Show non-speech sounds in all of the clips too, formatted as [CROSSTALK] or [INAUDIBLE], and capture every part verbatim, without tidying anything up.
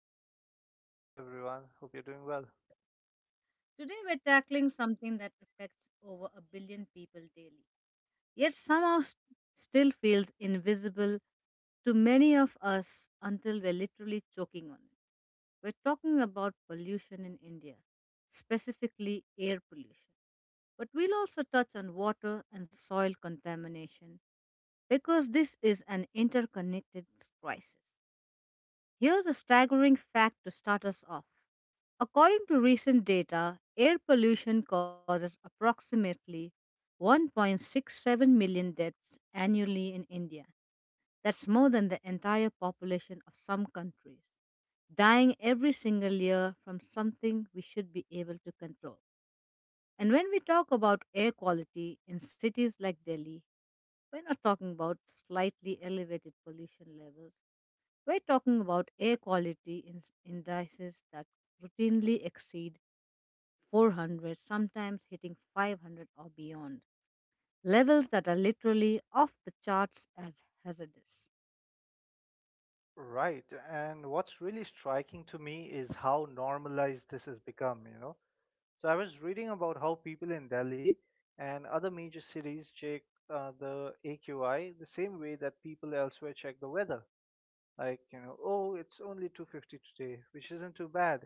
your co host. Hi everyone, hope you're doing well. Today, we're tackling something that affects over a billion people daily, yet somehow st- still feels invisible to many of us until we're literally choking on it. We're talking about pollution in India, specifically air pollution. But we'll also touch on water and soil contamination because this is an interconnected crisis. Here's a staggering fact to start us off. According to recent data, air pollution causes approximately one point six seven million deaths annually in India. That's more than the entire population of some countries, dying every single year from something we should be able to control. And when we talk about air quality in cities like Delhi, we're not talking about slightly elevated pollution levels. We're talking about air quality in- indices that routinely exceed four hundred, sometimes hitting five hundred or beyond, levels that are literally off the charts as hazardous. Right. And what's really striking to me is how normalized this has become, you know. So I was reading about how people in Delhi and other major cities check uh, the A Q I the same way that people elsewhere check the weather. Like, you know oh, it's only two hundred fifty today, which isn't too bad,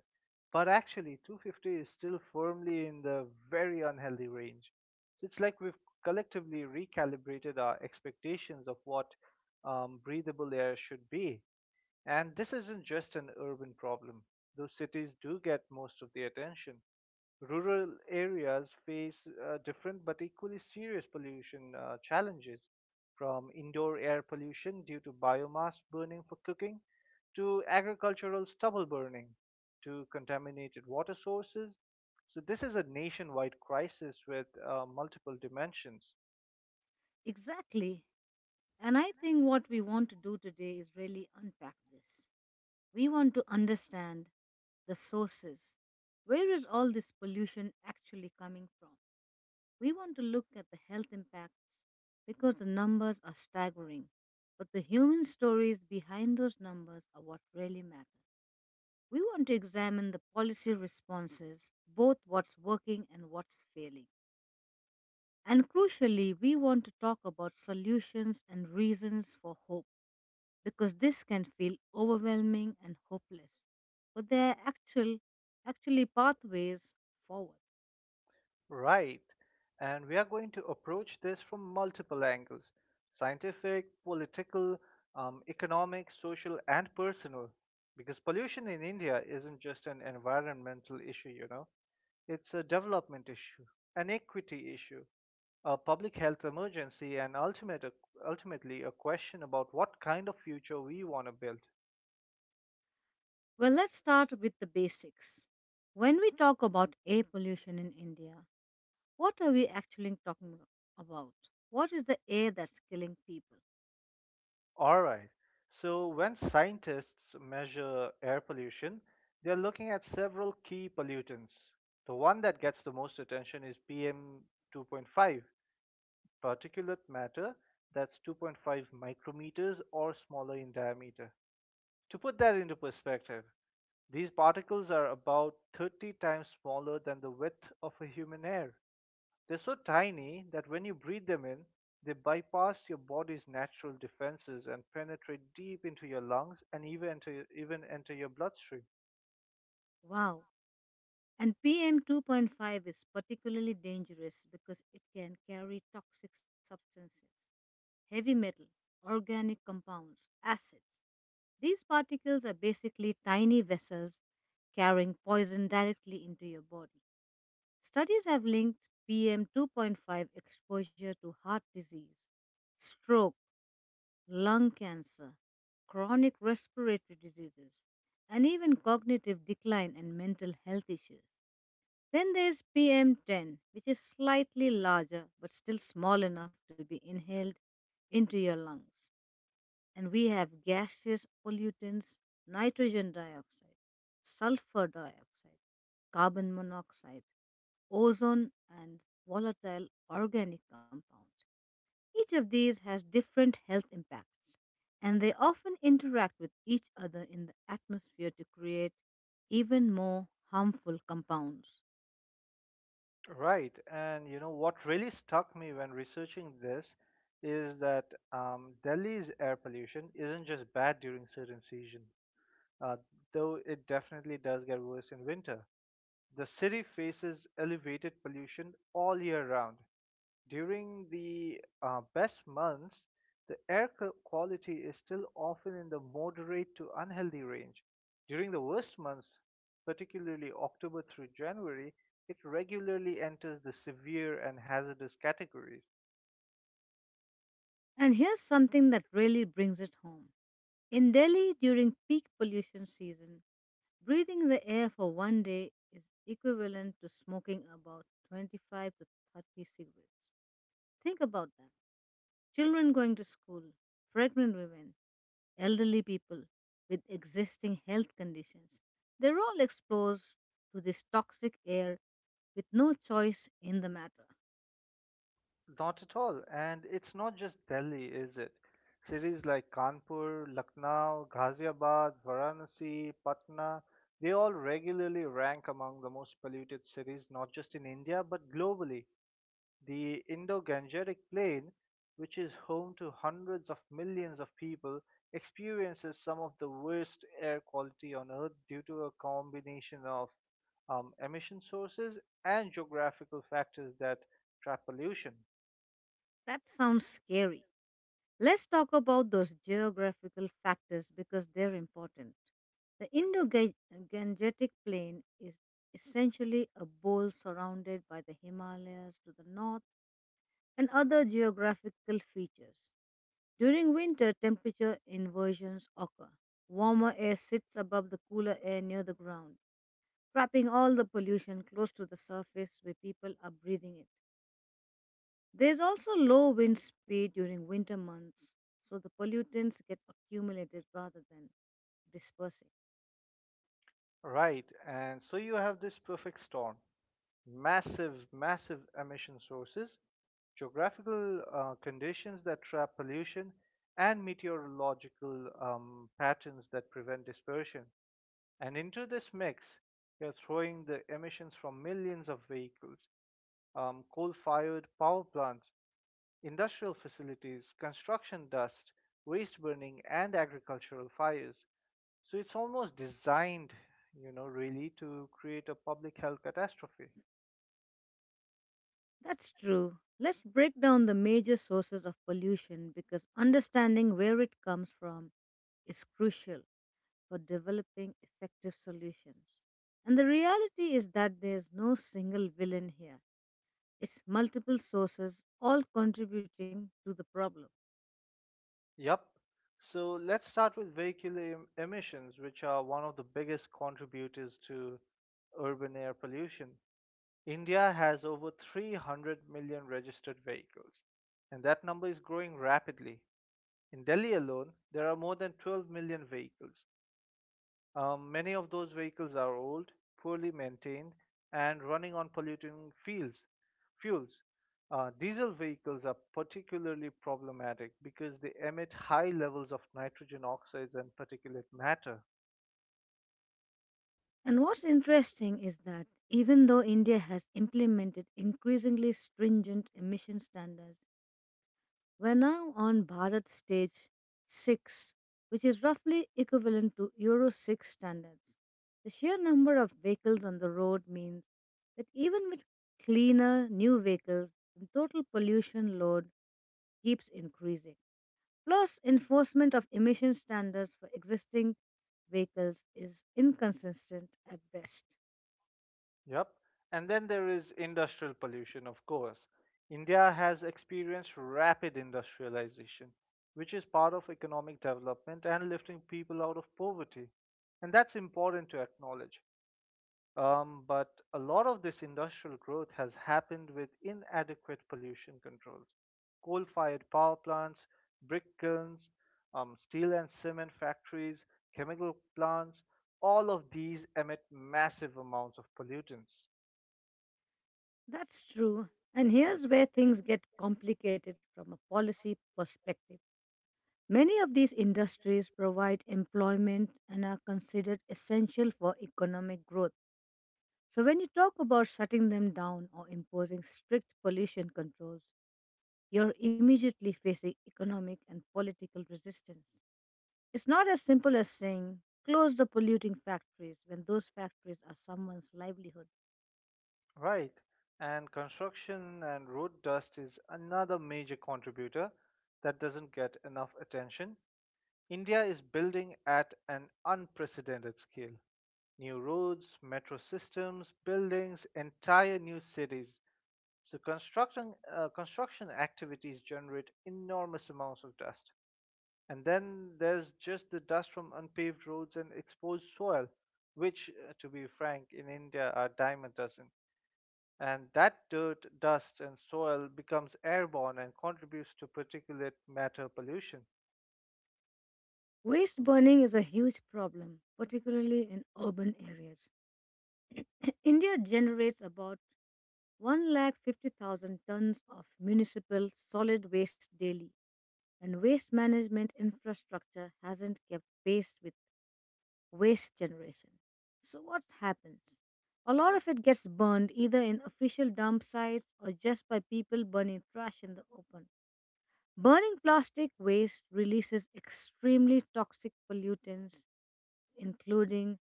but actually two hundred fifty is still firmly in the very unhealthy range. So it's like we've collectively recalibrated our expectations of what um, breathable air should be. And this isn't just an urban problem. Those cities do get most of the attention. Rural areas face uh, different but equally serious pollution uh, challenges, from indoor air pollution due to biomass burning for cooking, to agricultural stubble burning, to contaminated water sources. So, this is a nationwide crisis with uh, multiple dimensions. Exactly. And I think what we want to do today is really unpack this. We want to understand the sources. Where is all this pollution actually coming from? We want to look at the health impacts because the numbers are staggering. But the human stories behind those numbers are what really matter. We want to examine the policy responses, both what's working and what's failing. And crucially, we want to talk about solutions and reasons for hope because this can feel overwhelming and hopeless. But there are actual, actually pathways forward. Right. And we are going to approach this from multiple angles: scientific, political, um, economic, social, and personal. Because pollution in India isn't just an environmental issue, you know, it's a development issue, an equity issue, a public health emergency, and ultimate, ultimately a question about what kind of future we want to build. Well, let's start with the basics. When we talk about air pollution in India, what are we actually talking about? What is the air that's killing people? All right. So, when scientists measure air pollution, they're looking at several key pollutants. The one that gets the most attention is P M two point five, particulate matter that's two point five micrometers or smaller in diameter. To put that into perspective, these particles are about thirty times smaller than the width of a human hair. They're so tiny that when you breathe them in, they bypass your body's natural defenses and penetrate deep into your lungs and even enter, even enter your bloodstream. Wow. And P M two point five is particularly dangerous because it can carry toxic substances, heavy metals, organic compounds, acids. These particles are basically tiny vessels carrying poison directly into your body. Studies have linked P M two point five exposure to heart disease, stroke, lung cancer, chronic respiratory diseases, and even cognitive decline and mental health issues. Then there's P M ten, which is slightly larger but still small enough to be inhaled into your lungs. And we have gaseous pollutants, nitrogen dioxide, sulfur dioxide, carbon monoxide, ozone, and volatile organic compounds. Each of these has different health impacts, and they often interact with each other in the atmosphere to create even more harmful compounds. Right. And you know what really stuck me when researching this is that um, Delhi's air pollution isn't just bad during certain seasons, uh, though it definitely does get worse in winter. The city faces elevated pollution all year round. During the uh, best months, the air qu- quality is still often in the moderate to unhealthy range. During the worst months, particularly October through January, it regularly enters the severe and hazardous categories. And here's something that really brings it home. In Delhi, during peak pollution season, breathing the air for one day is equivalent to smoking about twenty-five to thirty cigarettes. Think about that. Children going to school, pregnant women, elderly people with existing health conditions, they're all exposed to this toxic air with no choice in the matter. Not at all. And it's not just Delhi, is it? Cities like Kanpur, Lucknow, Ghaziabad, Varanasi, Patna, they all regularly rank among the most polluted cities, not just in India, but globally. The Indo-Gangetic Plain, which is home to hundreds of millions of people, experiences some of the worst air quality on Earth due to a combination of um, emission sources and geographical factors that trap pollution. That sounds scary. Let's talk about those geographical factors because they're important. The Indo Gangetic Plain is essentially a bowl surrounded by the Himalayas to the north and other geographical features. During winter, temperature inversions occur. Warmer air sits above the cooler air near the ground, trapping all the pollution close to the surface where people are breathing it. There's also low wind speed during winter months, so the pollutants get accumulated rather than dispersing. Right, and so you have this perfect storm: massive, massive emission sources, geographical uh, conditions that trap pollution, and meteorological um, patterns that prevent dispersion. And into this mix, you're throwing the emissions from millions of vehicles, um, coal fired power plants, industrial facilities, construction dust, waste burning, and agricultural fires. So it's almost designed, you know, really, to create a public health catastrophe. That's true. Let's break down the major sources of pollution because understanding where it comes from is crucial for developing effective solutions. And the reality is that there's no single villain here, it's multiple sources all contributing to the problem. Yup. So let's start with vehicular em- emissions, which are one of the biggest contributors to urban air pollution. India has over three hundred million registered vehicles, and that number is growing rapidly. In Delhi alone, there are more than twelve million vehicles. Um, many of those vehicles are old, poorly maintained, and running on polluting fields, fuels. Uh, diesel vehicles are particularly problematic because they emit high levels of nitrogen oxides and particulate matter. And what's interesting is that even though India has implemented increasingly stringent emission standards, we're now on Bharat stage six, which is roughly equivalent to Euro six standards. The sheer number of vehicles on the road means that even with cleaner new vehicles, the total pollution load keeps increasing. Plus, enforcement of emission standards for existing vehicles is inconsistent at best. Yep. And then there is industrial pollution, of course. India has experienced rapid industrialization, which is part of economic development and lifting people out of poverty. And that's important to acknowledge. Um, but a lot of this industrial growth has happened with inadequate pollution controls. Coal fired power plants, brick kilns, um, steel and cement factories, chemical plants, all of these emit massive amounts of pollutants. That's true. And here's where things get complicated from a policy perspective. Many of these industries provide employment and are considered essential for economic growth. So, when you talk about shutting them down or imposing strict pollution controls, you're immediately facing economic and political resistance. It's not as simple as saying, close the polluting factories when those factories are someone's livelihood. Right, and construction and road dust is another major contributor that doesn't get enough attention. India is building at an unprecedented scale. New roads, metro systems, buildings, entire new cities. So construction uh, construction activities generate enormous amounts of dust. And then there's just the dust from unpaved roads and exposed soil, which, uh, to be frank, in India are dime a dozen, and that dirt, dust, and soil becomes airborne and contributes to particulate matter pollution. Waste burning is a huge problem, particularly in urban areas. [CLEARS THROAT] India generates about one lakh fifty thousand tons of municipal solid waste daily, and waste management infrastructure hasn't kept pace with waste generation. So, what happens? A lot of it gets burned either in official dump sites or just by people burning trash in the open. Burning plastic waste releases extremely toxic pollutants, including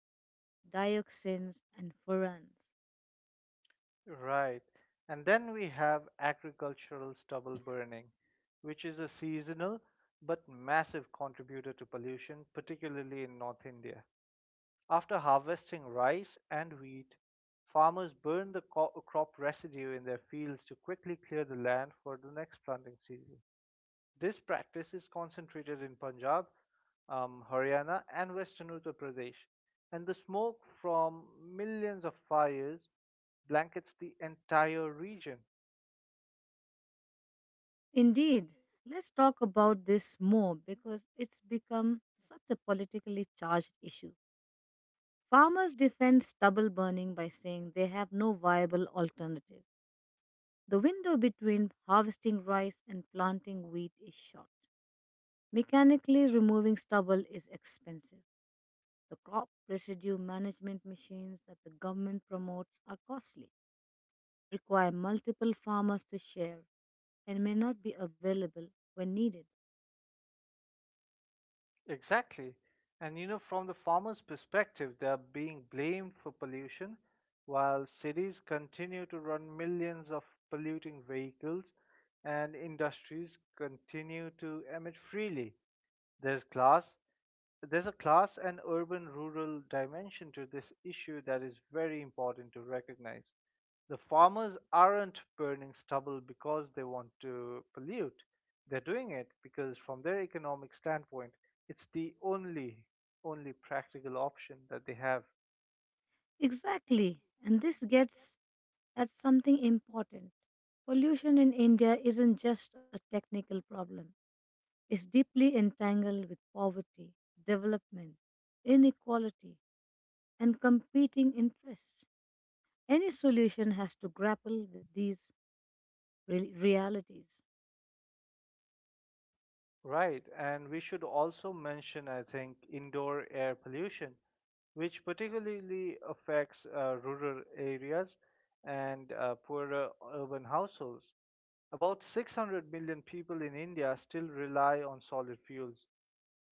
dioxins, and furans. Right. And then we have agricultural stubble burning, which is a seasonal but massive contributor to pollution, particularly in North India. After harvesting rice and wheat, farmers burn the co- crop residue in their fields to quickly clear the land for the next planting season. This practice is concentrated in Punjab, um, Haryana, and western Uttar Pradesh, and the smoke from millions of fires blankets the entire region. Indeed, let's talk about this more because it's become such a politically charged issue. Farmers defend stubble burning by saying they have no viable alternative. The window between harvesting rice and planting wheat is short. Mechanically removing stubble is expensive. The crop residue management machines that the government promotes are costly, require multiple farmers to share, and may not be available when needed. Exactly. And you know, from the farmers' perspective, they are being blamed for pollution, while cities continue to run millions of polluting vehicles and industries continue to emit freely. There's glass, there's a class and urban rural dimension to this issue that is very important to recognize. The farmers aren't burning stubble because they want to pollute. They're doing it because from their economic standpoint, it's the only only practical option that they have. Exactly, and this gets at something important. Pollution in India isn't just a technical problem, it's deeply entangled with poverty, development, inequality, and competing interests. Any solution has to grapple with these re- realities. Right, and we should also mention, I think, indoor air pollution, which particularly affects uh, rural areas and uh, poorer urban households. About six hundred million people in India still rely on solid fuels,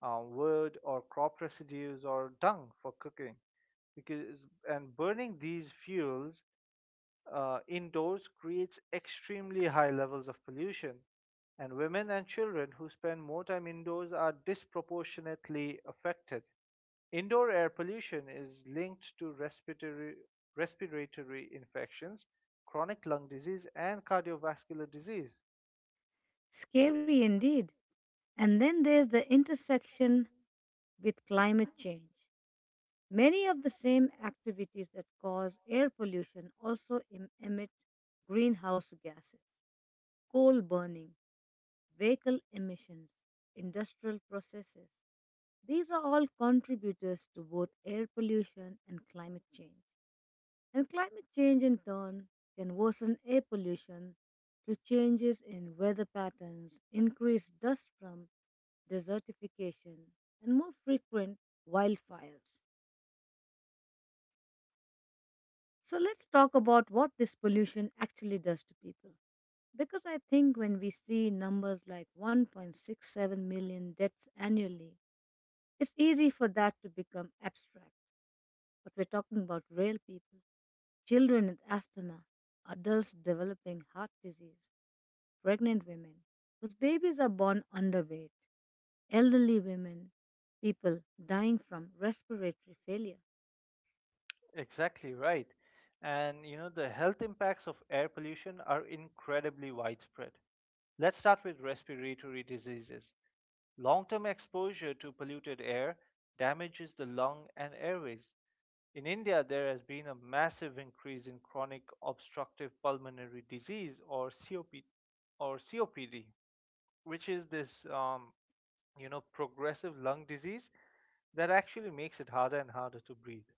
uh, wood or crop residues or dung for cooking. Because and burning these fuels uh, indoors creates extremely high levels of pollution, and women and children who spend more time indoors are disproportionately affected. Indoor air pollution is linked to respiratory, respiratory infections, chronic lung disease, and cardiovascular disease. Scary indeed. And then there's the intersection with climate change. Many of the same activities that cause air pollution also em- emit greenhouse gases. Coal burning, vehicle emissions, industrial processes. These are all contributors to both air pollution and climate change. And climate change, in turn, can worsen air pollution through changes in weather patterns, increased dust from desertification, and more frequent wildfires. So let's talk about what this pollution actually does to people. Because I think when we see numbers like one point six seven million deaths annually, it's easy for that to become abstract. But we're talking about real people, children with asthma, adults developing heart disease, pregnant women whose babies are born underweight, elderly women, people dying from respiratory failure. Exactly right. And you know, the health impacts of air pollution are incredibly widespread. Let's start with respiratory diseases. Long term exposure to polluted air damages the lung and airways. In India, there has been a massive increase in chronic obstructive pulmonary disease, or COP or C O P D, which is this um, you know progressive lung disease that actually makes it harder and harder to breathe.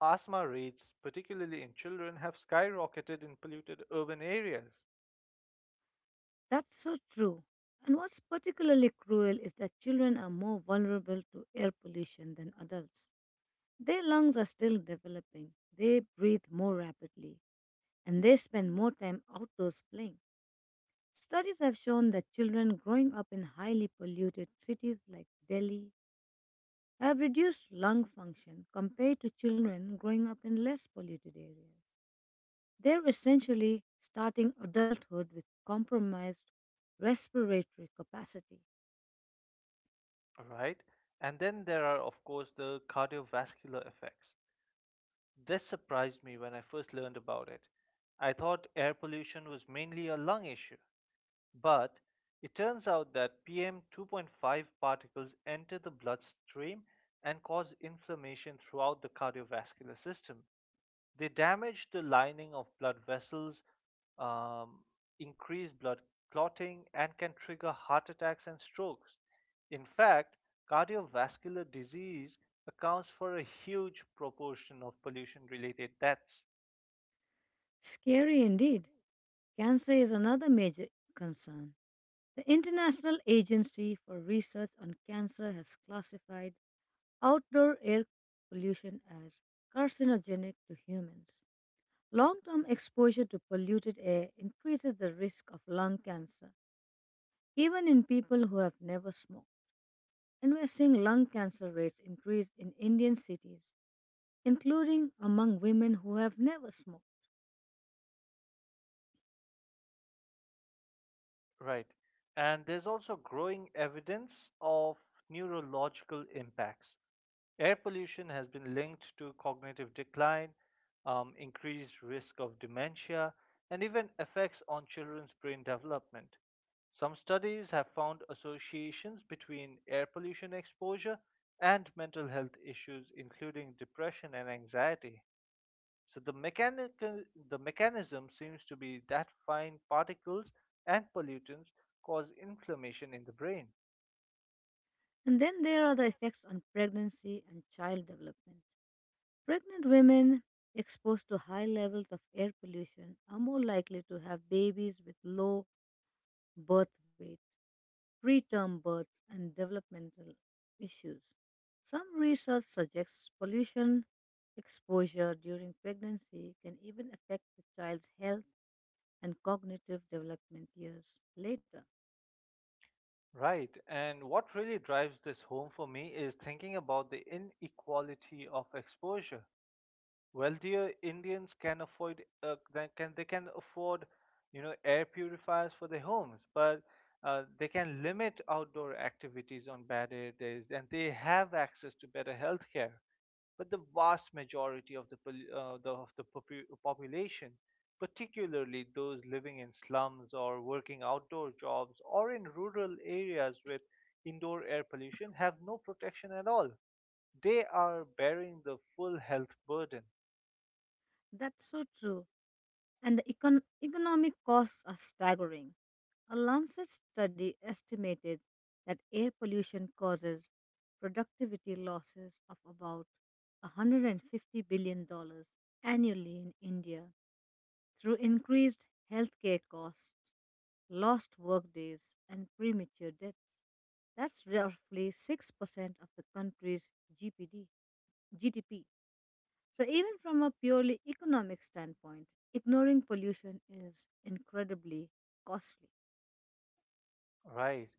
Asthma rates, particularly in children, have skyrocketed in polluted urban areas. That's so true. And what's particularly cruel is that children are more vulnerable to air pollution than adults. Their lungs are still developing, they breathe more rapidly, and they spend more time outdoors playing. Studies have shown that children growing up in highly polluted cities like Delhi have reduced lung function compared to children growing up in less polluted areas. They're essentially starting adulthood with compromised respiratory capacity. All right. And then there are, of course, the cardiovascular effects. This surprised me when I first learned about it. I thought air pollution was mainly a lung issue, but it turns out that P M two point five particles enter the bloodstream and cause inflammation throughout the cardiovascular system. They damage the lining of blood vessels, um, increase blood clotting, and can trigger heart attacks and strokes. In fact, cardiovascular disease accounts for a huge proportion of pollution related deaths. Scary indeed. Cancer is another major concern. The International Agency for Research on Cancer has classified outdoor air pollution as carcinogenic to humans. Long term exposure to polluted air increases the risk of lung cancer, even in people who have never smoked. And we're seeing lung cancer rates increase in Indian cities, including among women who have never smoked. Right. And there's also growing evidence of neurological impacts. Air pollution has been linked to cognitive decline, um, increased risk of dementia, and even effects on children's brain development. Some studies have found associations between air pollution exposure and mental health issues, including depression and anxiety. So the mechanical the mechanism seems to be that fine particles and pollutants cause inflammation in the brain. And then there are the effects on pregnancy and child development. Pregnant women exposed to high levels of air pollution are more likely to have babies with low birth weight, preterm births, and developmental issues. Some research suggests pollution exposure during pregnancy can even affect the child's health and cognitive development years later. Right. And what really drives this home for me is thinking about the inequality of exposure. Wealthier Indians can afford uh, they can they can afford, you know, air purifiers for their homes, but uh, they can limit outdoor activities on bad air days, and they have access to better health care. But the vast majority of the, uh, the, of the popu- population, particularly those living in slums or working outdoor jobs or in rural areas with indoor air pollution, have no protection at all. They are bearing the full health burden, That's so true. And the econ- economic costs are staggering. A Lancet study estimated that air pollution causes productivity losses of about one hundred fifty billion dollars annually in India through increased healthcare costs, lost workdays, and premature deaths. That's roughly six percent of the country's G P D G D P. So, even from a purely economic standpoint, ignoring pollution is incredibly costly. right?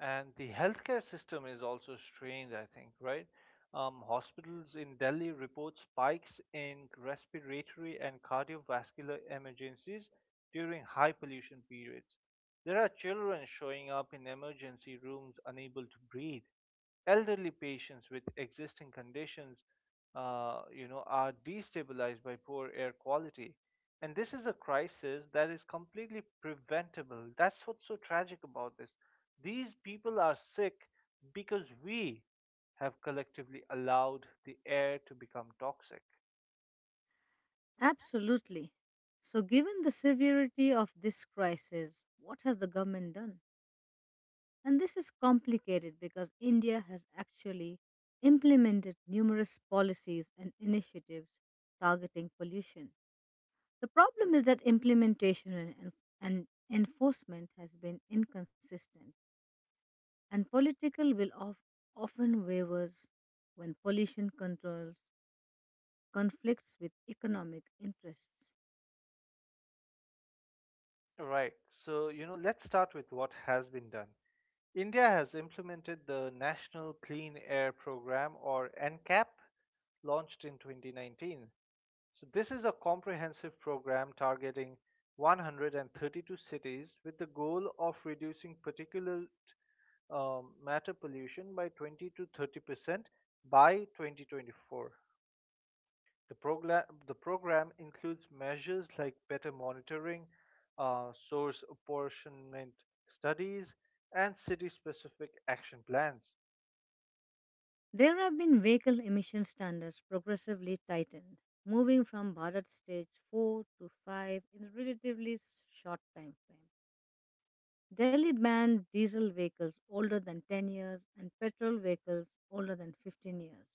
And the healthcare system is also strained, I think, right? Um, hospitals in Delhi report spikes in respiratory and cardiovascular emergencies during high pollution periods. There are children showing up in emergency rooms unable to breathe. Elderly patients with existing conditions, uh, you know, are destabilized by poor air quality. And this is a crisis that is completely preventable. That's what's so tragic about this. These people are sick because we have collectively allowed the air to become toxic. Absolutely. So, given the severity of this crisis, what has the government done? And this is complicated because India has actually implemented numerous policies and initiatives targeting pollution. The problem is that implementation and, and and enforcement has been inconsistent and political will of, often wavers when pollution controls conflicts with economic interests. Right. So, you know, let's start with what has been done. India has implemented the National Clean Air Program, or NCAP, launched in twenty nineteen. So, this is a comprehensive program targeting one hundred thirty-two cities with the goal of reducing particulate um, matter pollution by twenty to thirty percent by twenty twenty-four. The program the program includes measures like better monitoring, uh, source apportionment studies, and city-specific action plans. There have been vehicle emission standards progressively tightened, moving from Bharat stage four to five in a relatively s- short time frame. Delhi banned diesel vehicles older than ten years and petrol vehicles older than fifteen years.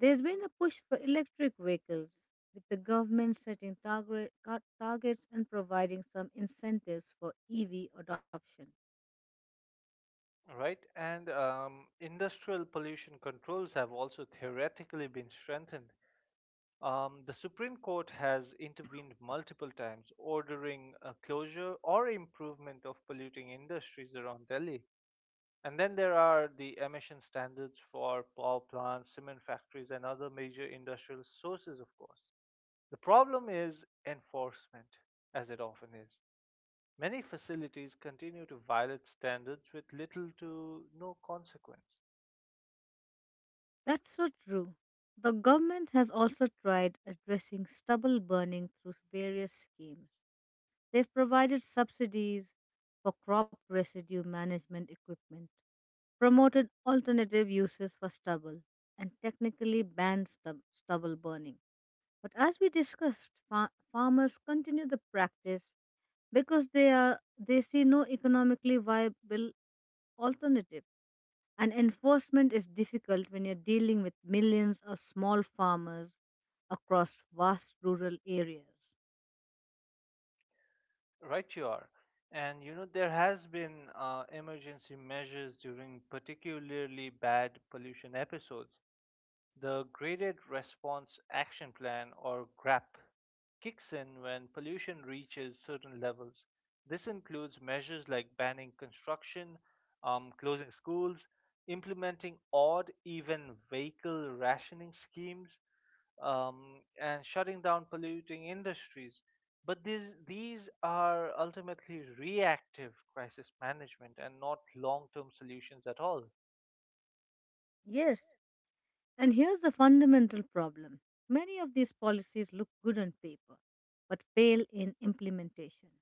There's been a push for electric vehicles, with the government setting target, car- targets and providing some incentives for E V adoption. All right, and um, industrial pollution controls have also theoretically been strengthened. Um, the Supreme Court has intervened multiple times, ordering a closure or improvement of polluting industries around Delhi. And then there are the emission standards for power plants, cement factories, and other major industrial sources, of course. The problem is enforcement, as it often is. Many facilities continue to violate standards with little to no consequence. That's so true. The government has also tried addressing stubble burning through various schemes. They've provided subsidies for crop residue management equipment, promoted alternative uses for stubble, and technically banned stub- stubble burning. But as we discussed, fa- farmers continue the practice because they are they see no economically viable alternative. And enforcement is difficult when you're dealing with millions of small farmers across vast rural areas. Right, you are. And you know, there has been uh, emergency measures during particularly bad pollution episodes. The Graded Response Action Plan, or GRAP, kicks in when pollution reaches certain levels. This includes measures like banning construction, um, closing schools, implementing odd even vehicle rationing schemes, um, and shutting down polluting industries. But these these are ultimately reactive crisis management and not long-term solutions at all. Yes, and here's the fundamental problem, many of these policies look good on paper but fail in implementation.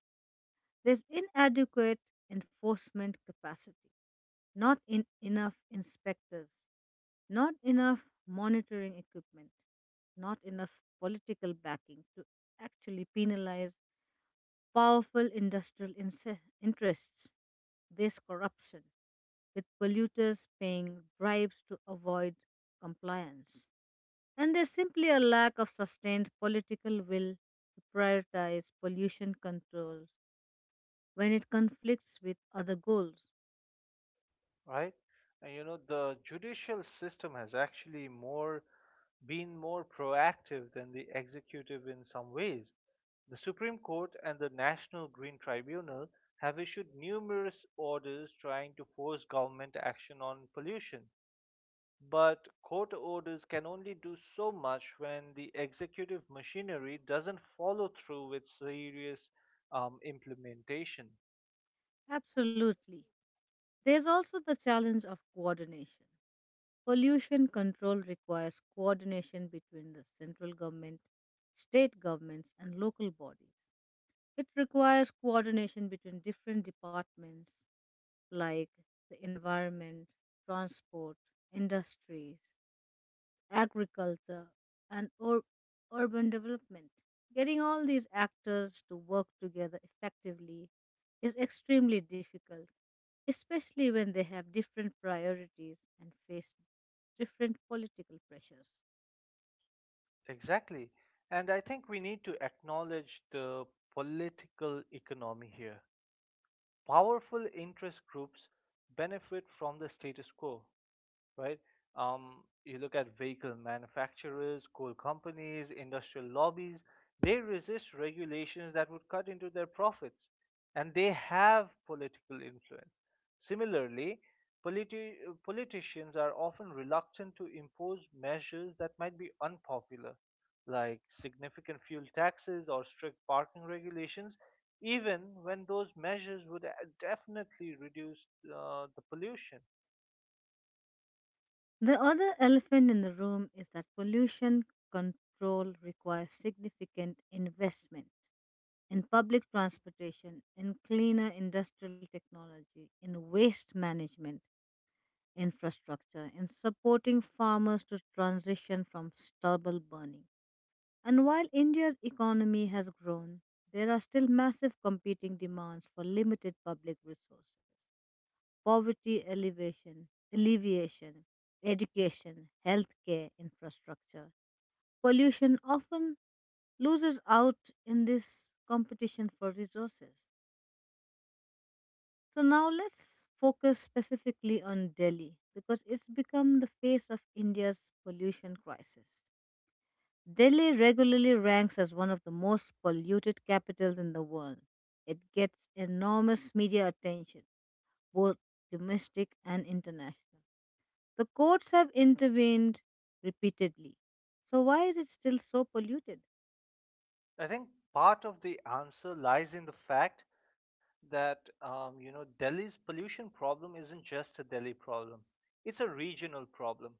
There's inadequate enforcement capacity, not in enough inspectors, not enough monitoring equipment, not enough political backing to actually penalize powerful industrial inse- interests. This corruption, with polluters paying bribes to avoid compliance. And there's simply a lack of sustained political will to prioritize pollution controls when it conflicts with other goals. Right? And you know, the judicial system has actually more been more proactive than the executive in some ways. The Supreme Court and the National Green Tribunal have issued numerous orders trying to force government action on pollution. But court orders can only do so much when the executive machinery doesn't follow through with serious um, implementation. Absolutely. There's also the challenge of coordination. Pollution control requires coordination between the central government, state governments, and local bodies. It requires coordination between different departments like the environment, transport, industries, agriculture, and ur- urban development. Getting all these actors to work together effectively is extremely difficult, especially when they have different priorities and face different political pressures. Exactly. And I think we need to acknowledge the political economy here. Powerful interest groups benefit from the status quo, right? Um, you look at vehicle manufacturers, coal companies, industrial lobbies. They resist regulations that would cut into their profits, and they have political influence. Similarly, politi- uh, politicians are often reluctant to impose measures that might be unpopular, like significant fuel taxes or strict parking regulations, even when those measures would uh, definitely reduce uh, the pollution. The other elephant in the room is that pollution control requires significant investment in public transportation, in cleaner industrial technology, in waste management infrastructure and supporting farmers to transition from stubble burning. And while India's economy has grown, there are still massive competing demands for limited public resources. Poverty elevation, alleviation, education, healthcare infrastructure. Pollution often loses out in this competition for resources. So now let's focus specifically on Delhi because it's become the face of India's pollution crisis. Delhi regularly ranks as one of the most polluted capitals in the world. It gets enormous media attention, both domestic and international. The courts have intervened repeatedly. So, why is it still so polluted? I think part of the answer lies in the fact that um, you know Delhi's pollution problem isn't just a Delhi problem; it's a regional problem.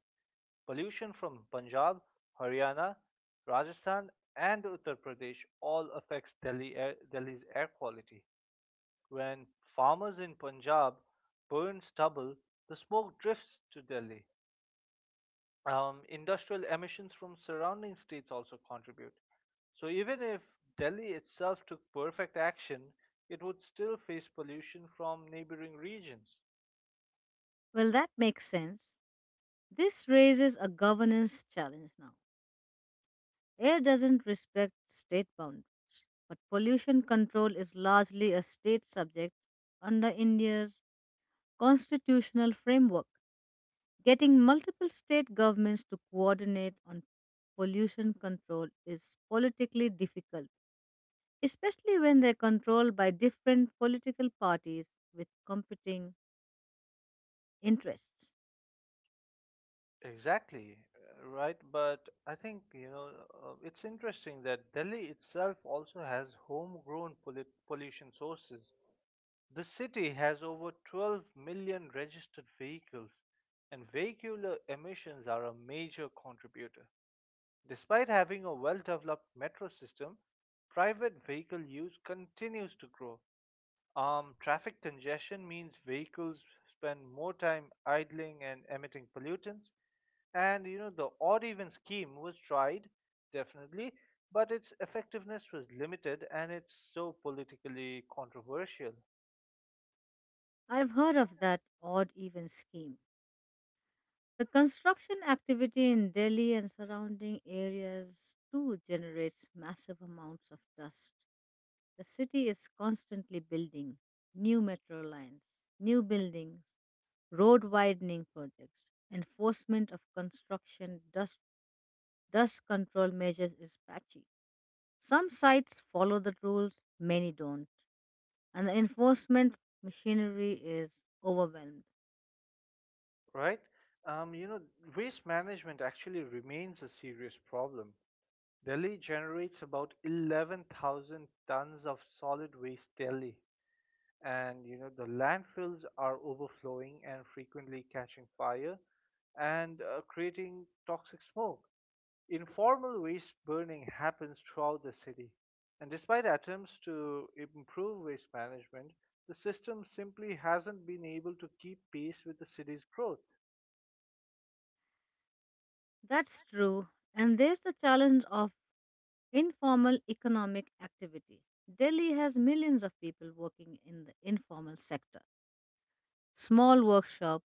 Pollution from Punjab, Haryana, Rajasthan, and Uttar Pradesh all affects Delhi air, Delhi's air quality. When farmers in Punjab burn stubble, the smoke drifts to Delhi. Um, industrial emissions from surrounding states also contribute. So even if Delhi itself took perfect action, it would still face pollution from neighboring regions. Well, that makes sense. This raises a governance challenge now. Air doesn't respect state boundaries, but pollution control is largely a state subject under India's constitutional framework. Getting multiple state governments to coordinate on pollution control is politically difficult, especially when they're controlled by different political parties with competing interests. Exactly, uh, right? But I think, you know, uh, it's interesting that Delhi itself also has homegrown pollu- pollution sources. The city has over twelve million registered vehicles, and vehicular emissions are a major contributor. Despite having a well developed metro system, private vehicle use continues to grow. Um, traffic congestion means vehicles spend more time idling and emitting pollutants. And you know, the odd even scheme was tried, definitely, but its effectiveness was limited and it's so politically controversial. I've heard of that odd even scheme. The construction activity in Delhi and surrounding areas too generates massive amounts of dust. The city is constantly building new metro lines, new buildings, road widening projects. Enforcement of construction dust dust control measures is patchy. Some sites follow the rules, many don't, and the enforcement machinery is overwhelmed. Right? Um, you know, waste management actually remains a serious problem. Delhi generates about eleven thousand tons of solid waste daily, and you know the landfills are overflowing and frequently catching fire and uh, creating toxic smoke. Informal waste burning happens throughout the city, and despite attempts to improve waste management, the system simply hasn't been able to keep pace with the city's growth. That's true. And there's the challenge of informal economic activity. Delhi has millions of people working in the informal sector. Small workshops,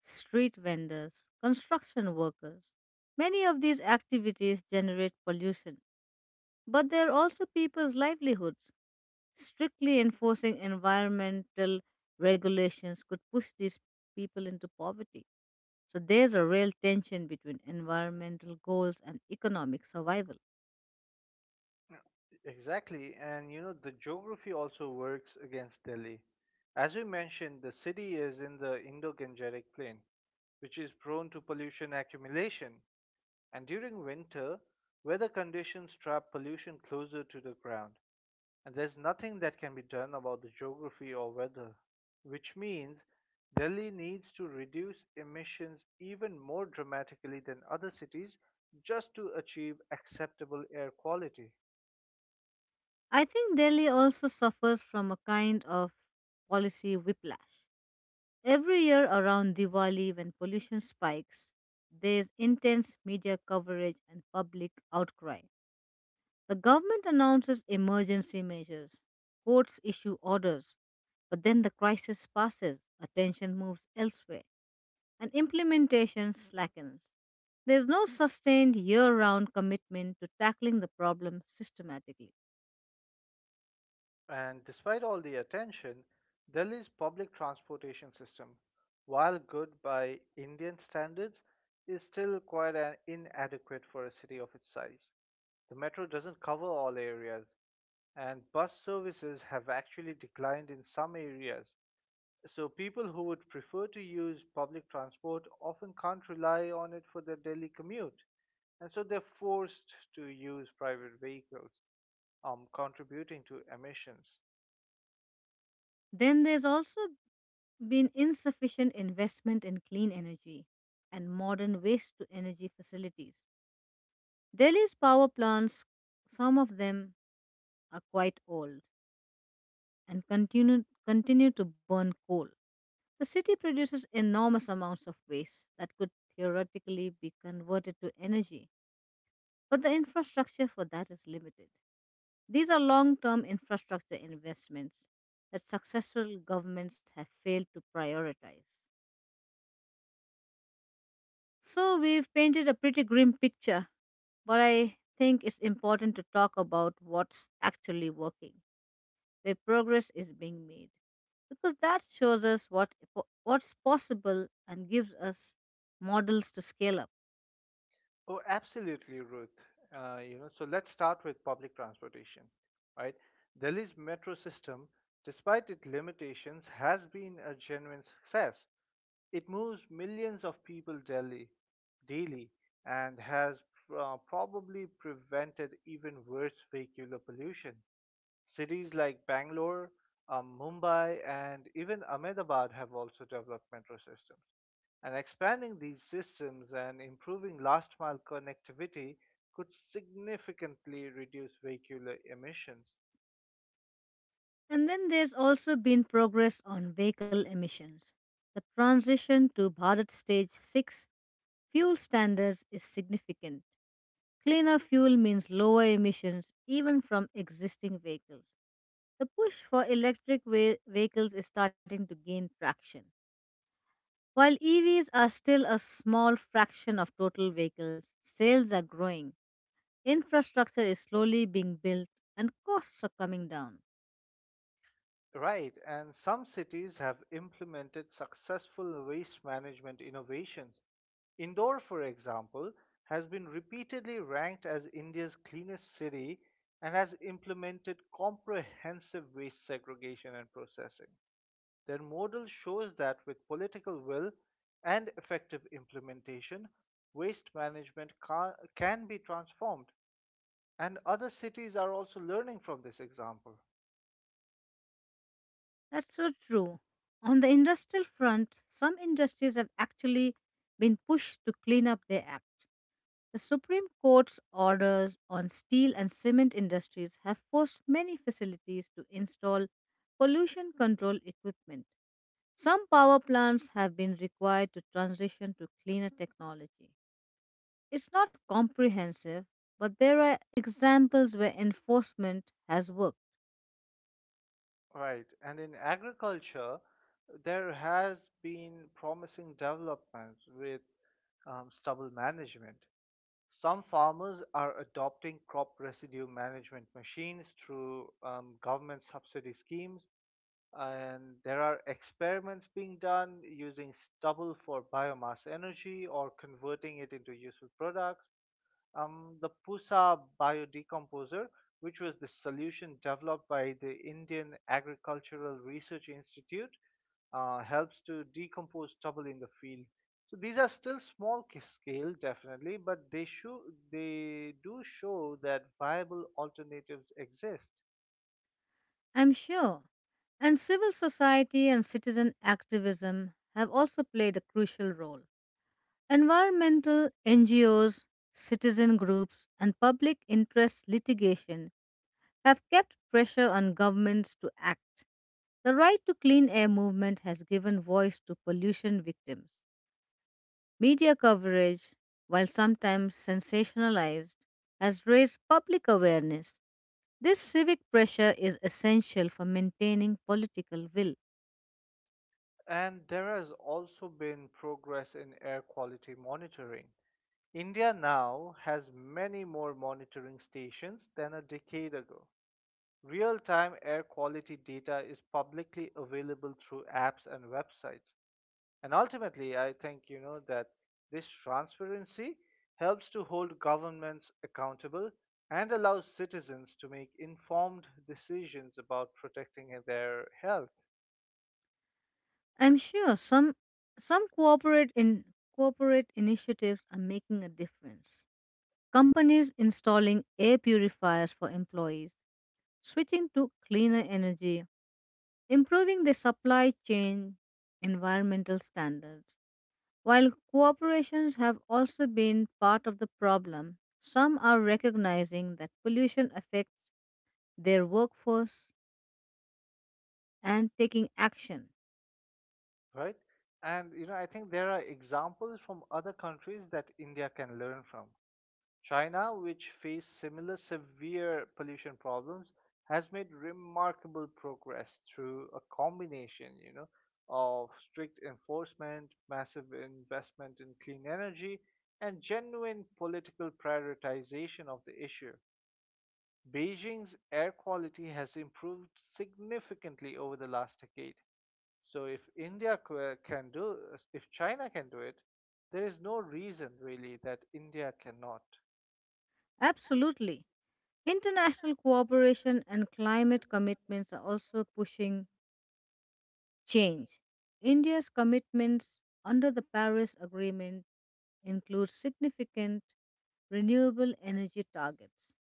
street vendors, construction workers. Many of these activities generate pollution, but they're also people's livelihoods. Strictly enforcing environmental regulations could push these people into poverty. So there's a real tension between environmental goals and economic survival. Exactly, and you know, the geography also works against Delhi. As we mentioned, the city is in the Indo Gangetic Plain, which is prone to pollution accumulation, and during winter, weather conditions trap pollution closer to the ground, and there's nothing that can be done about the geography or weather, which means Delhi needs to reduce emissions even more dramatically than other cities just to achieve acceptable air quality. I think Delhi also suffers from a kind of policy whiplash. Every year around Diwali, when pollution spikes, there's intense media coverage and public outcry. The government announces emergency measures, courts issue orders, but then the crisis passes, attention moves elsewhere, and implementation slackens. There's no sustained year round commitment to tackling the problem systematically. And despite all the attention, Delhi's public transportation system, while good by Indian standards, is still quite an inadequate for a city of its size. The metro doesn't cover all areas, and bus services have actually declined in some areas. So, people who would prefer to use public transport often can't rely on it for their daily commute, and so they're forced to use private vehicles, um, contributing to emissions. Then there's also been insufficient investment in clean energy and modern waste to energy facilities. Delhi's power plants, some of them are quite old and continue, continue to burn coal. The city produces enormous amounts of waste that could theoretically be converted to energy, but the infrastructure for that is limited. These are long term infrastructure investments that successful governments have failed to prioritize. So we've painted a pretty grim picture, but I think it's important to talk about what's actually working, where progress is being made, because that shows us what what's possible and gives us models to scale up. Oh, absolutely, Ruth. Uh, you know, so let's start with public transportation, right? Delhi's metro system, despite its limitations, has been a genuine success. It moves millions of people daily, daily, and has uh, probably prevented even worse vehicular pollution. Cities like Bangalore, um, Mumbai, and even Ahmedabad have also developed metro systems. And expanding these systems and improving last mile connectivity could significantly reduce vehicular emissions. And then there's also been progress on vehicle emissions. The transition to Bharat Stage six fuel standards is significant. Cleaner fuel means lower emissions even from existing vehicles. The push for electric ve- vehicles is starting to gain traction. While E Vs are still a small fraction of total vehicles, sales are growing, infrastructure is slowly being built, and costs are coming down. Right, and some cities have implemented successful waste management innovations. Indore, for example, has been repeatedly ranked as India's cleanest city and has implemented comprehensive waste segregation and processing. Their model shows that with political will and effective implementation, waste management ca- can be transformed, and other cities are also learning from this example. That's so true. On the industrial front, some industries have actually been pushed to clean up their act. The Supreme Court's orders on steel and cement industries have forced many facilities to install pollution control equipment. Some power plants have been required to transition to cleaner technology. It's not comprehensive, but there are examples where enforcement has worked. Right. And in agriculture, there has been promising developments with um, stubble management. Some farmers are adopting crop residue management machines through um, government subsidy schemes, and there are experiments being done using stubble for biomass energy or converting it into useful products. Um, the Pusa biodecomposer, which was the solution developed by the Indian Agricultural Research Institute, uh, helps to decompose stubble in the field. So these are still small ca- scale, definitely, but they show they do show that viable alternatives exist. I'm sure. And civil society and citizen activism have also played a crucial role. Environmental N G Os, citizen groups, and public interest litigation have kept pressure on governments to act. The Right to Clean Air movement has given voice to pollution victims. Media coverage, while sometimes sensationalized, has raised public awareness. This civic pressure is essential for maintaining political will. And there has also been progress in air quality monitoring. India now has many more monitoring stations than a decade ago. Real-time air quality data is publicly available through apps and websites. And ultimately, I think you know that this transparency helps to hold governments accountable and allows citizens to make informed decisions about protecting their health. I'm sure some some corporate in corporate initiatives are making a difference. Companies installing air purifiers for employees, switching to cleaner energy, improving the supply chain environmental standards. While corporations have also been part of the problem, some are recognizing that pollution affects their workforce and taking action. Right? And you know, I think there are examples from other countries that India can learn from. China, which faced similar severe pollution problems, has made remarkable progress through a combination, you know, of strict enforcement, massive investment in clean energy, and genuine political prioritization of the issue. Beijing's air quality has improved significantly over the last decade. So if India c- can do, if China can do it, there is no reason really that India cannot. Absolutely. International cooperation and climate commitments are also pushing change. India's commitments under the Paris Agreement include significant renewable energy targets.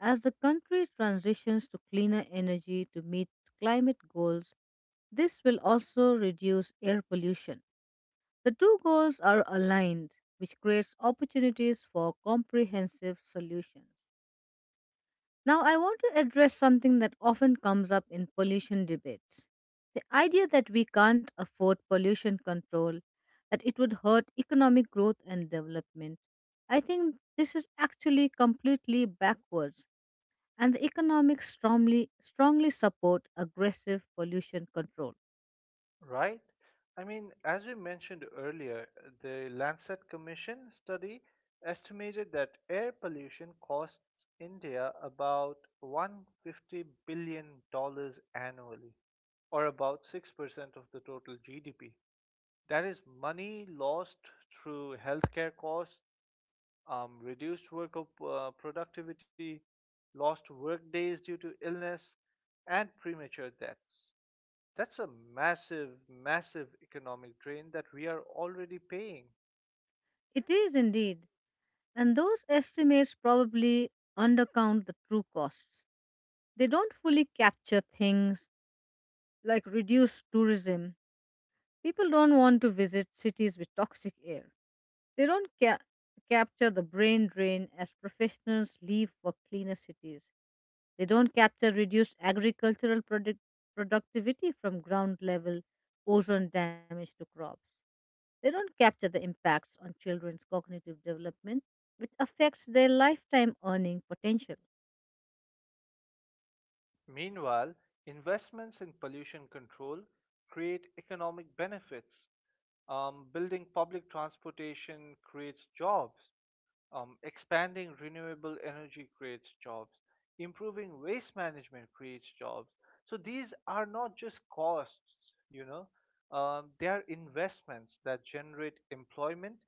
As the country transitions to cleaner energy to meet climate goals, this will also reduce air pollution. The two goals are aligned, which creates opportunities for comprehensive solutions. Now, I want to address something that often comes up in pollution debates: the idea that we can't afford pollution control, that it would hurt economic growth and development. I think this is actually completely backwards, and the economics strongly, strongly support aggressive pollution control. Right? I mean, as we mentioned earlier, the Lancet Commission study estimated that air pollution costs India about one hundred fifty billion dollars annually, or about six percent of the total G D P. That is money lost through healthcare costs, um, reduced work op- uh, productivity, lost work days due to illness, and premature deaths. That's a massive, massive economic drain that we are already paying. It is indeed, and those estimates probably undercount the true costs. They don't fully capture things like reduced tourism. People don't want to visit cities with toxic air. They don't ca- capture the brain drain as professionals leave for cleaner cities. They don't capture reduced agricultural product- productivity from ground level ozone damage to crops. They don't capture the impacts on children's cognitive development, which affects their lifetime earning potential. Meanwhile, investments in pollution control create economic benefits. Um, building public transportation creates jobs. Um, expanding renewable energy creates jobs. Improving waste management creates jobs. So these are not just costs, you know, um, they are investments that generate employment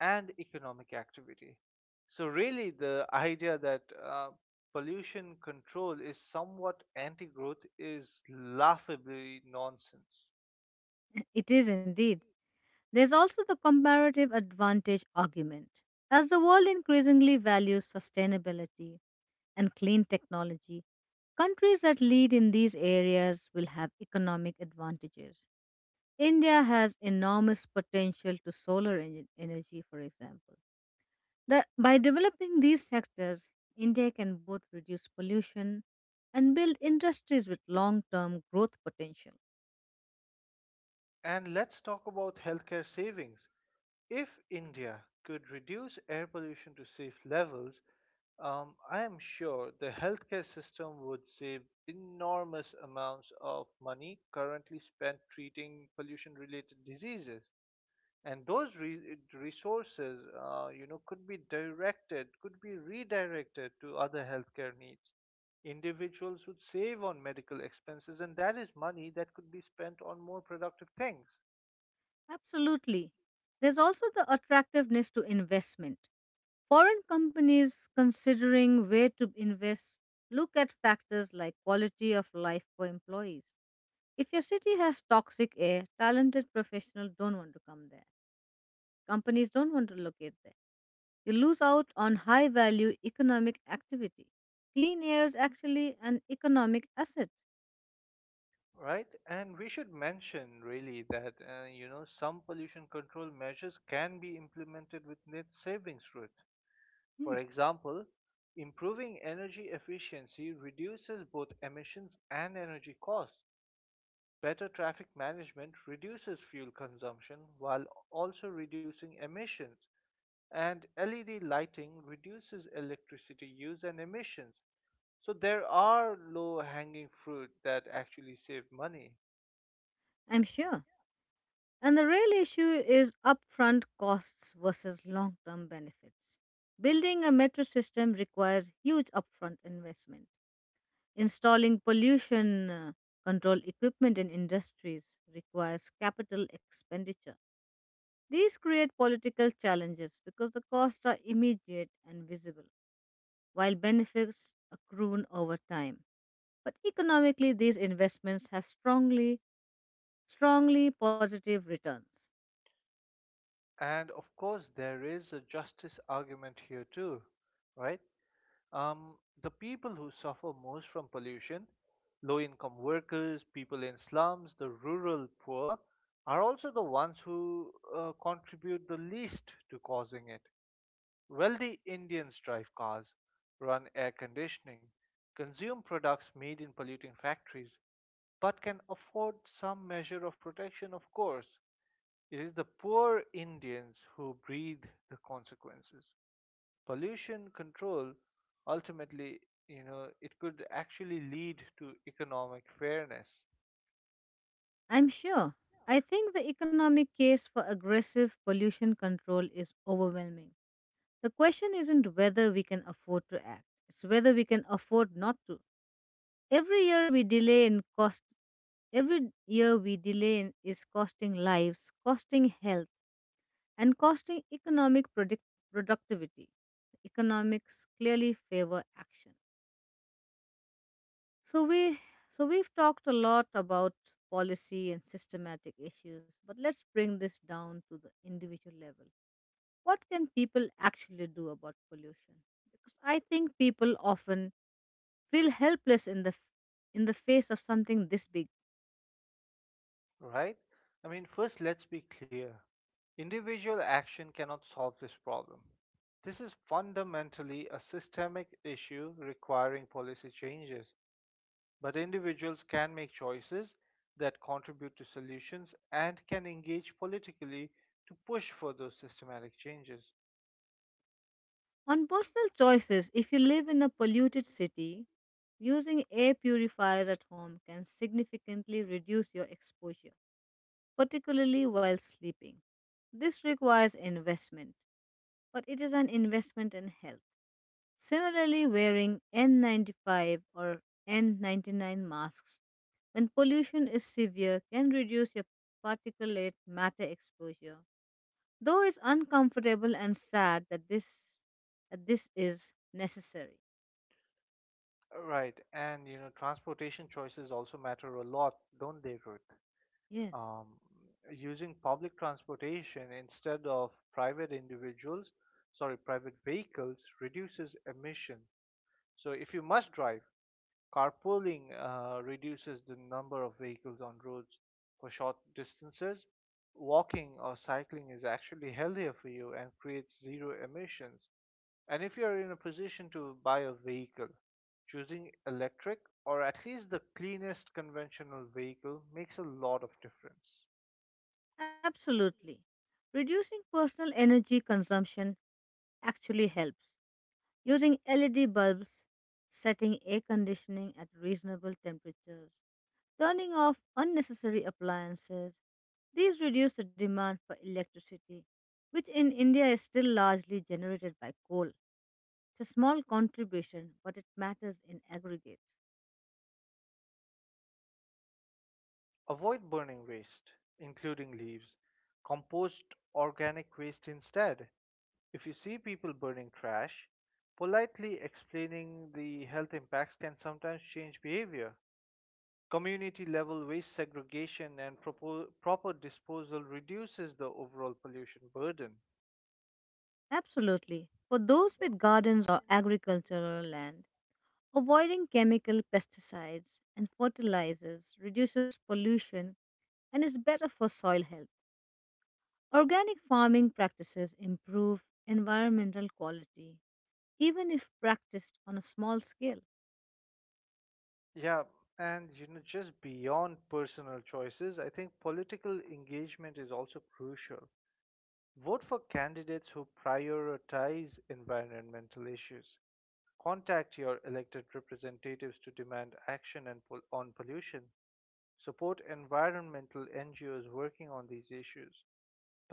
and economic activity. So, really, the idea that uh, pollution control is somewhat anti growth is laughably nonsense. [LAUGHS] It is indeed. There's also the comparative advantage argument. As the world increasingly values sustainability, and clean technology, countries that lead in these areas will have economic advantages. India has enormous potential to solar en- energy, for example. The, by developing these sectors, India can both reduce pollution and build industries with long term growth potential. And let's talk about healthcare savings. If India could reduce air pollution to safe levels, um, I am sure the healthcare system would save enormous amounts of money currently spent treating pollution-related diseases. And those re- resources, uh, you know, could be directed, could be redirected to other healthcare needs. Individuals would save on medical expenses, and that is money that could be spent on more productive things. Absolutely. There's also the attractiveness to investment. Foreign companies considering where to invest look at factors like quality of life for employees. If your city has toxic air, talented professionals don't want to come there. Companies don't want to locate there. You lose out on high value economic activity. Clean air is actually an economic asset. Right, and we should mention really that uh, you know some pollution control measures can be implemented with net savings route. For Yes, example, improving energy efficiency reduces both emissions and energy costs. Better traffic management reduces fuel consumption while also reducing emissions, and L E D lighting reduces electricity use and emissions. So there are low hanging fruit that actually save money. I'm sure. And the real issue is upfront costs versus long term benefits. Building a metro system requires huge upfront investment. Installing pollution uh, control equipment in industries requires capital expenditure. These create political challenges because the costs are immediate and visible, while benefits accrue over time, but economically these investments have strongly, strongly positive returns. And of course, there is a justice argument here too, right? Um, the people who suffer most from pollution, low income workers, people in slums, the rural poor, are also the ones who uh, contribute the least to causing it. Wealthy Indians drive cars, run air conditioning, consume products made in polluting factories, but can afford some measure of protection, of course. It is the poor Indians who breathe the consequences. Pollution control ultimately, you know, it could actually lead to economic fairness. I'm sure. I think the economic case for aggressive pollution control is overwhelming. The question isn't whether we can afford to act, it's whether we can afford not to. Every year we delay in cost every year we delay in- is costing lives, costing health, and costing economic product- productivity. The economics clearly favor action. So we so we've talked a lot about policy and systematic issues, but let's bring this down to the individual level. What can people actually do about pollution? Because I think people often feel helpless in the f- in the face of something this big. Right? I mean, first, let's be clear. Individual action cannot solve this problem. This is fundamentally a systemic issue requiring policy changes. But individuals can make choices that contribute to solutions and can engage politically to push for those systematic changes. On personal choices, if you live in a polluted city, using air purifiers at home can significantly reduce your exposure, particularly while sleeping. This requires investment, but it is an investment in health. Similarly, wearing N ninety-five or N ninety-nine masks when pollution is severe can reduce your particulate matter exposure. Though it's uncomfortable and sad that this that this is necessary. Right, and you know, transportation choices also matter a lot, don't they, Ruth? Yes, Um, Using public transportation instead of private individuals, sorry, private vehicles reduces emission. So if you must drive, carpooling uh, reduces the number of vehicles on roads for short distances. Walking or cycling is actually healthier for you and creates zero emissions. And if you're in a position to buy a vehicle, choosing electric or at least the cleanest conventional vehicle makes a lot of difference. absolutely. Reducing personal energy consumption actually helps: using L E D bulbs, setting air conditioning at reasonable temperatures, turning off unnecessary appliances. These reduce the demand for electricity, which in India is still largely generated by coal. It's a small contribution, but it matters in aggregate. Avoid burning waste, including leaves. Compost organic waste instead. If you see people burning trash, politely explaining the health impacts can sometimes change behavior. Community level waste segregation and propo- proper disposal reduces the overall pollution burden. Absolutely. For those with gardens or agricultural land, avoiding chemical pesticides and fertilizers reduces pollution and is better for soil health. Organic farming practices improve environmental quality, even if practiced on a small scale. Yeah, and you know, just beyond personal choices, I think political engagement is also crucial. Vote for candidates who prioritize environmental issues. Contact your elected representatives to demand action and pol- on pollution. Support environmental N G Os working on these issues,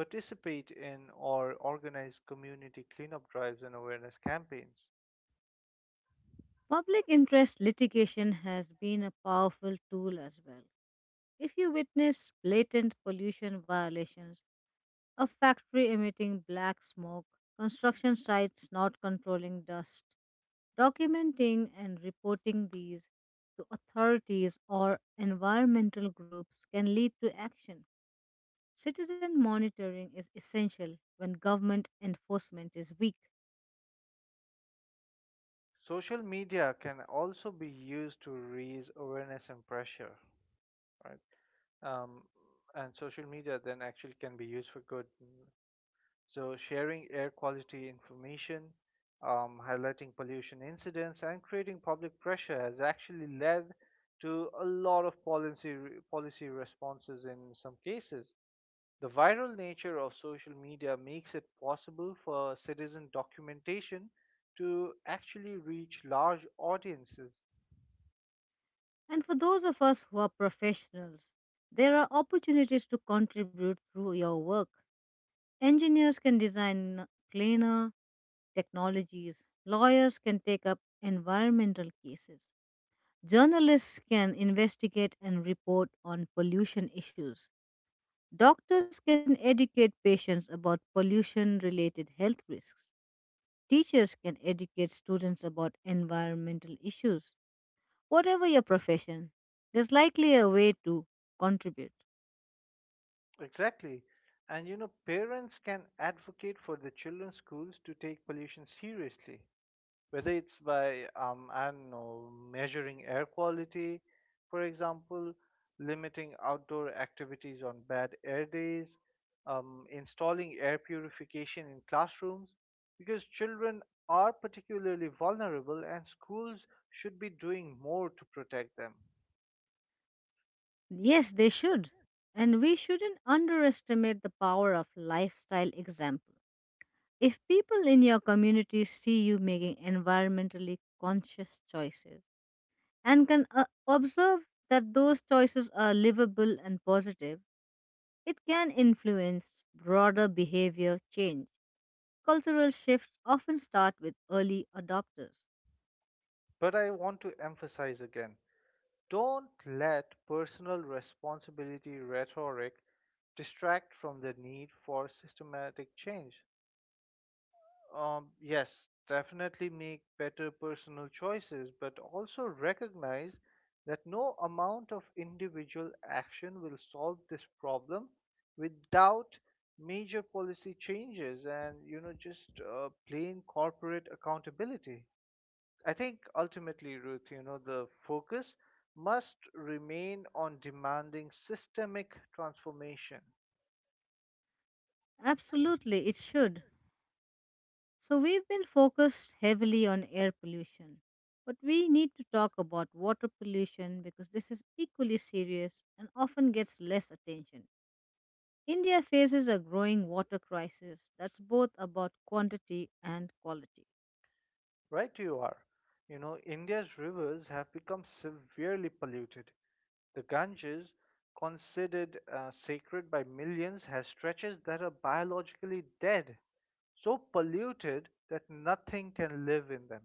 participate in or organize community cleanup drives and awareness campaigns. Public interest litigation has been a powerful tool as well. If you witness blatant pollution violations, a factory emitting black smoke, construction sites not controlling dust, documenting and reporting these to authorities or environmental groups can lead to action. Citizen monitoring is essential when government enforcement is weak. Social media can also be used to raise awareness and pressure, right? Um, and social media then actually can be used for good. So, sharing air quality information, um, highlighting pollution incidents, and creating public pressure has actually led to a lot of policy policy responses in some cases. The viral nature of social media makes it possible for citizen documentation to actually reach large audiences. And for those of us who are professionals, there are opportunities to contribute through your work. Engineers can design cleaner technologies, lawyers can take up environmental cases, journalists can investigate and report on pollution issues, doctors can educate patients about pollution related health risks. Teachers can educate students about environmental issues, whatever your profession. There's likely a way to contribute. Exactly. And you know, parents can advocate for the children's schools to take pollution seriously, whether it's by um, I don't know, measuring air quality, for example, limiting outdoor activities on bad air days, um, installing air purification in classrooms, because children are particularly vulnerable and schools should be doing more to protect them. Yes, they should. And we shouldn't underestimate the power of lifestyle example. If people in your community see you making environmentally conscious choices and can uh, observe that those choices are livable and positive, it can influence broader behavior change. Cultural shifts often start with early adopters. But I want to emphasize again, don't let personal responsibility rhetoric distract from the need for systematic change. Um, yes, definitely make better personal choices, but also recognize that no amount of individual action will solve this problem without major policy changes and you know just uh, plain corporate accountability. I think ultimately, Ruth, you know, the focus must remain on demanding systemic transformation. Absolutely, it should. So, we've been focused heavily on air pollution, but we need to talk about water pollution because this is equally serious and often gets less attention. India faces a growing water crisis that's both about quantity and quality. Right, you are. You know, India's rivers have become severely polluted. The Ganges, considered uh, sacred by millions, has stretches that are biologically dead, so polluted that nothing can live in them.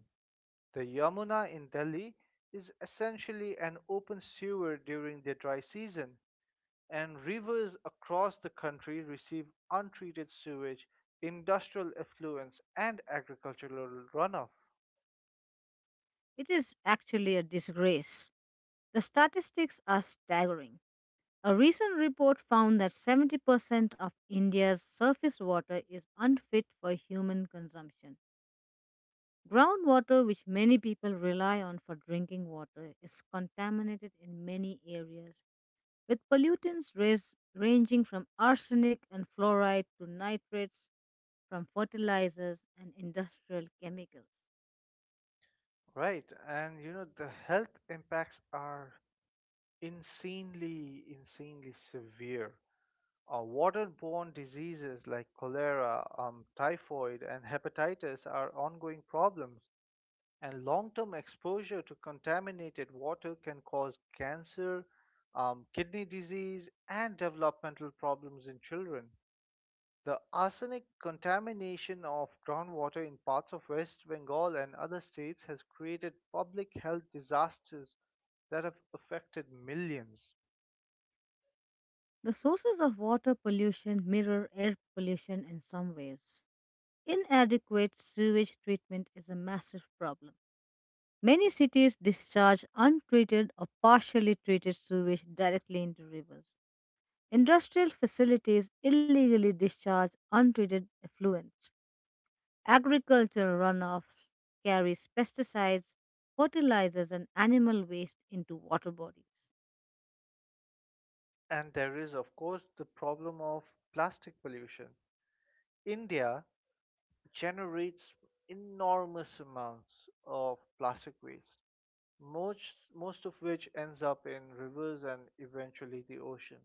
The Yamuna in Delhi is essentially an open sewer during the dry season, and rivers across the country receive untreated sewage, industrial effluents, and agricultural runoff. It is actually a disgrace. The statistics are staggering. A recent report found that seventy percent of India's surface water is unfit for human consumption. Groundwater, which many people rely on for drinking water, is contaminated in many areas with pollutants rais- ranging from arsenic and fluoride to nitrates from fertilizers and industrial chemicals. Right, and you know the health impacts are insanely, insanely severe. Uh, waterborne diseases like cholera, um, typhoid, and hepatitis are ongoing problems, and long-term exposure to contaminated water can cause cancer, um, kidney disease, and developmental problems in children. The arsenic contamination of groundwater in parts of West Bengal and other states has created public health disasters that have affected millions. The sources of water pollution mirror air pollution in some ways. Inadequate sewage treatment is a massive problem. Many cities discharge untreated or partially treated sewage directly into rivers. Industrial facilities illegally discharge untreated effluents. Agricultural runoffs carries pesticides, fertilizers, and animal waste into water bodies. And there is, of course, the problem of plastic pollution. India generates enormous amounts of plastic waste, most, most of which ends up in rivers and eventually the ocean.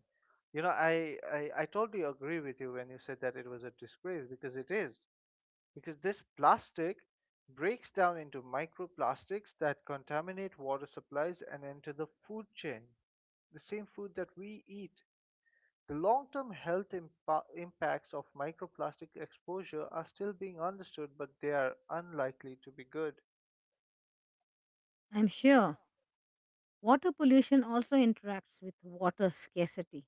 You know, I, I, I totally agree with you when you said that it was a disgrace because it is, because this plastic breaks down into microplastics that contaminate water supplies and enter the food chain, the same food that we eat. The long term health impa- impacts of microplastic exposure are still being understood, but they are unlikely to be good. I'm sure water pollution also interacts with water scarcity.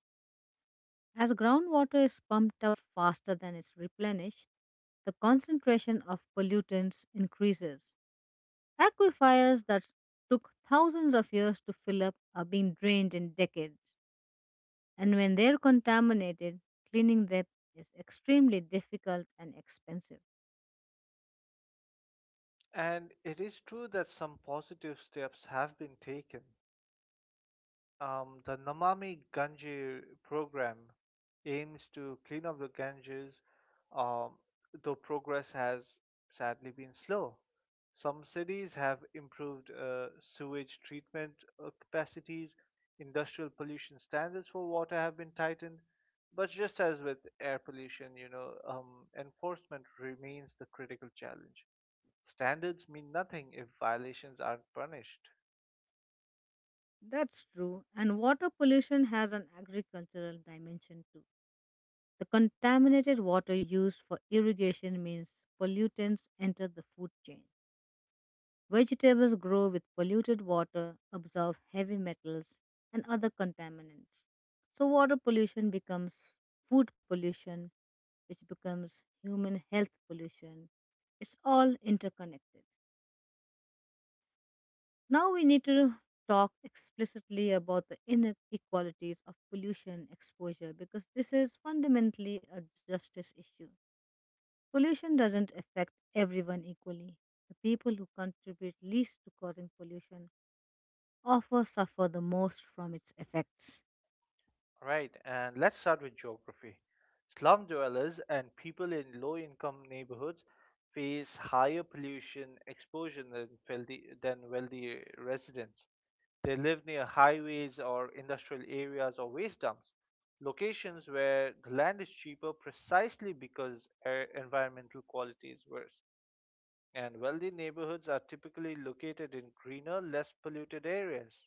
As groundwater is pumped up faster than it's replenished, the concentration of pollutants increases. Aquifers that took thousands of years to fill up are being drained in decades, and when they're contaminated, cleaning them is extremely difficult and expensive. And it is true that some positive steps have been taken. Um, the Namami Gange program aims to clean up the Ganges, um, though progress has sadly been slow. Some cities have improved uh, sewage treatment uh, capacities, industrial pollution standards for water have been tightened, but just as with air pollution, you know, um, enforcement remains the critical challenge. Standards mean nothing if violations aren't punished. That's true, and water pollution has an agricultural dimension too. The contaminated water used for irrigation means pollutants enter the food chain. Vegetables grow with polluted water, absorb heavy metals, and other contaminants. So, water pollution becomes food pollution, which becomes human health pollution. It's all interconnected. Now, we need to talk explicitly about the inequalities of pollution exposure because this is fundamentally a justice issue. Pollution doesn't affect everyone equally. The people who contribute least to causing pollution often suffer the most from its effects. Right, and let's start with geography. Slum dwellers and people in low income neighborhoods face higher pollution exposure than wealthy, than wealthy residents. They live near highways or industrial areas or waste dumps, locations where the land is cheaper precisely because air environmental quality is worse. And wealthy neighborhoods are typically located in greener, less polluted areas.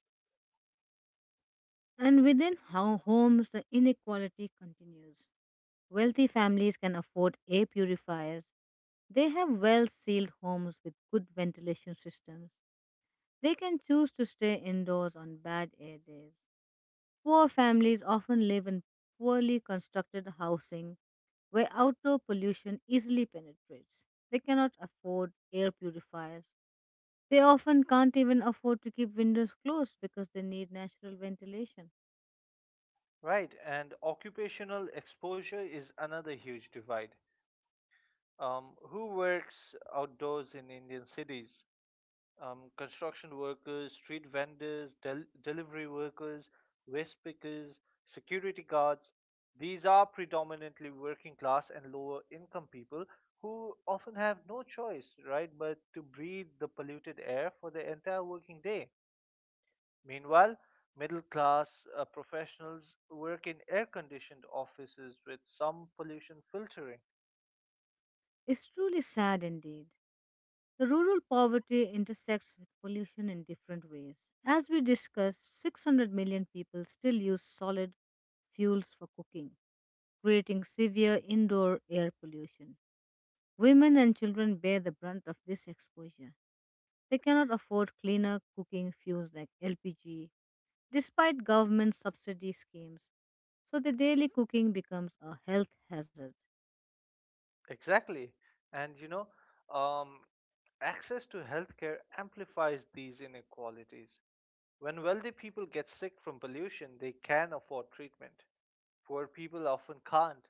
And within ho- homes, the inequality continues. Wealthy families can afford air purifiers. They have well sealed homes with good ventilation systems. They can choose to stay indoors on bad air days. Poor families often live in poorly constructed housing where outdoor pollution easily penetrates. They cannot afford air purifiers. They often can't even afford to keep windows closed because they need natural ventilation. Right, and occupational exposure is another huge divide. Um, who works outdoors in Indian cities? Um, construction workers, street vendors, del- delivery workers, waste pickers, security guards. These are predominantly working class and lower income people who often have no choice, right, but to breathe the polluted air for the entire working day. Meanwhile, middle class uh, professionals work in air conditioned offices with some pollution filtering. It's truly sad indeed. The rural poverty intersects with pollution in different ways. As we discussed, six hundred million people still use solid fuels for cooking, creating severe indoor air pollution. Women and children bear the brunt of this exposure. They cannot afford cleaner cooking fuels like L P G despite government subsidy schemes. So the daily cooking becomes a health hazard. Exactly. And you know, um, access to healthcare amplifies these inequalities. When wealthy people get sick from pollution, they can afford treatment. Poor people often can't.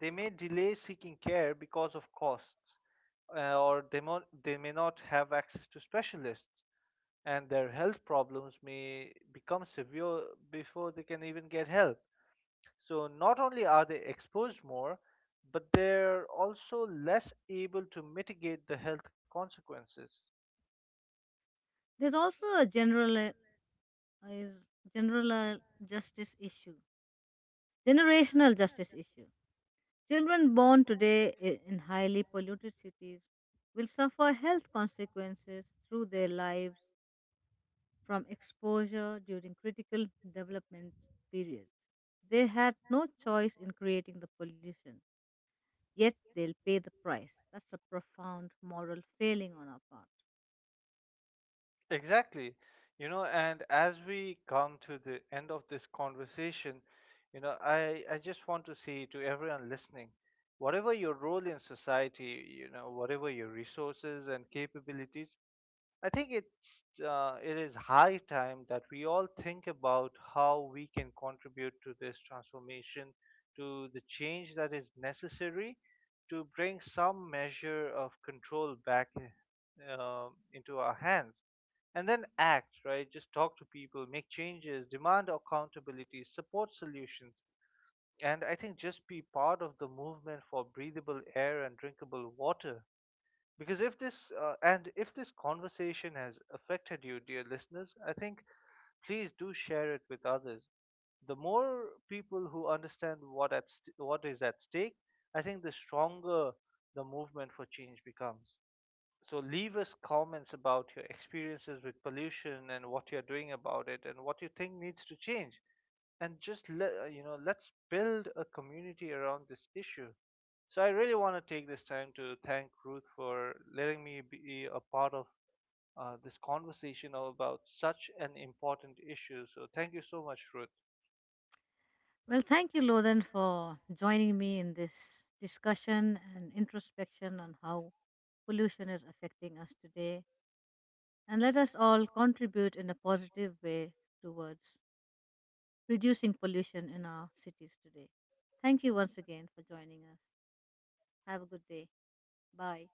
They may delay seeking care because of costs, uh, or they, mo- they may not have access to specialists, and their health problems may become severe before they can even get help. So, not only are they exposed more, but they're also less able to mitigate the health consequences. There's also a general general justice issue, generational justice issue. Children born today i- in highly polluted cities will suffer health consequences through their lives from exposure during critical development periods. They had no choice in creating the pollution, yet they'll pay the price. That's a profound moral failing on our part. Exactly. You know, and as we come to the end of this conversation, you know, I, I just want to say to everyone listening, whatever your role in society, you know, whatever your resources and capabilities, I think it's uh, it is high time that we all think about how we can contribute to this transformation, to the change that is necessary to bring some measure of control back uh, into our hands, and then act. Right, just talk to people, make changes, demand accountability, support solutions, and I think just be part of the movement for breathable air and drinkable water. Because if this uh, and if this conversation has affected you, dear listeners, I think please do share it with others. The more people who understand what at st- what is at stake, I think the stronger the movement for change becomes. So leave us comments about your experiences with pollution and what you're doing about it and what you think needs to change. And just let uh, you know, let's build a community around this issue. So I really want to take this time to thank Ruth for letting me be a part of uh, this conversation about such an important issue. So thank you so much, Ruth. Well, thank you, Lodhan, for joining me in this discussion and introspection on how pollution is affecting us today. And let us all contribute in a positive way towards reducing pollution in our cities today. Thank you once again for joining us. Have a good day. Bye.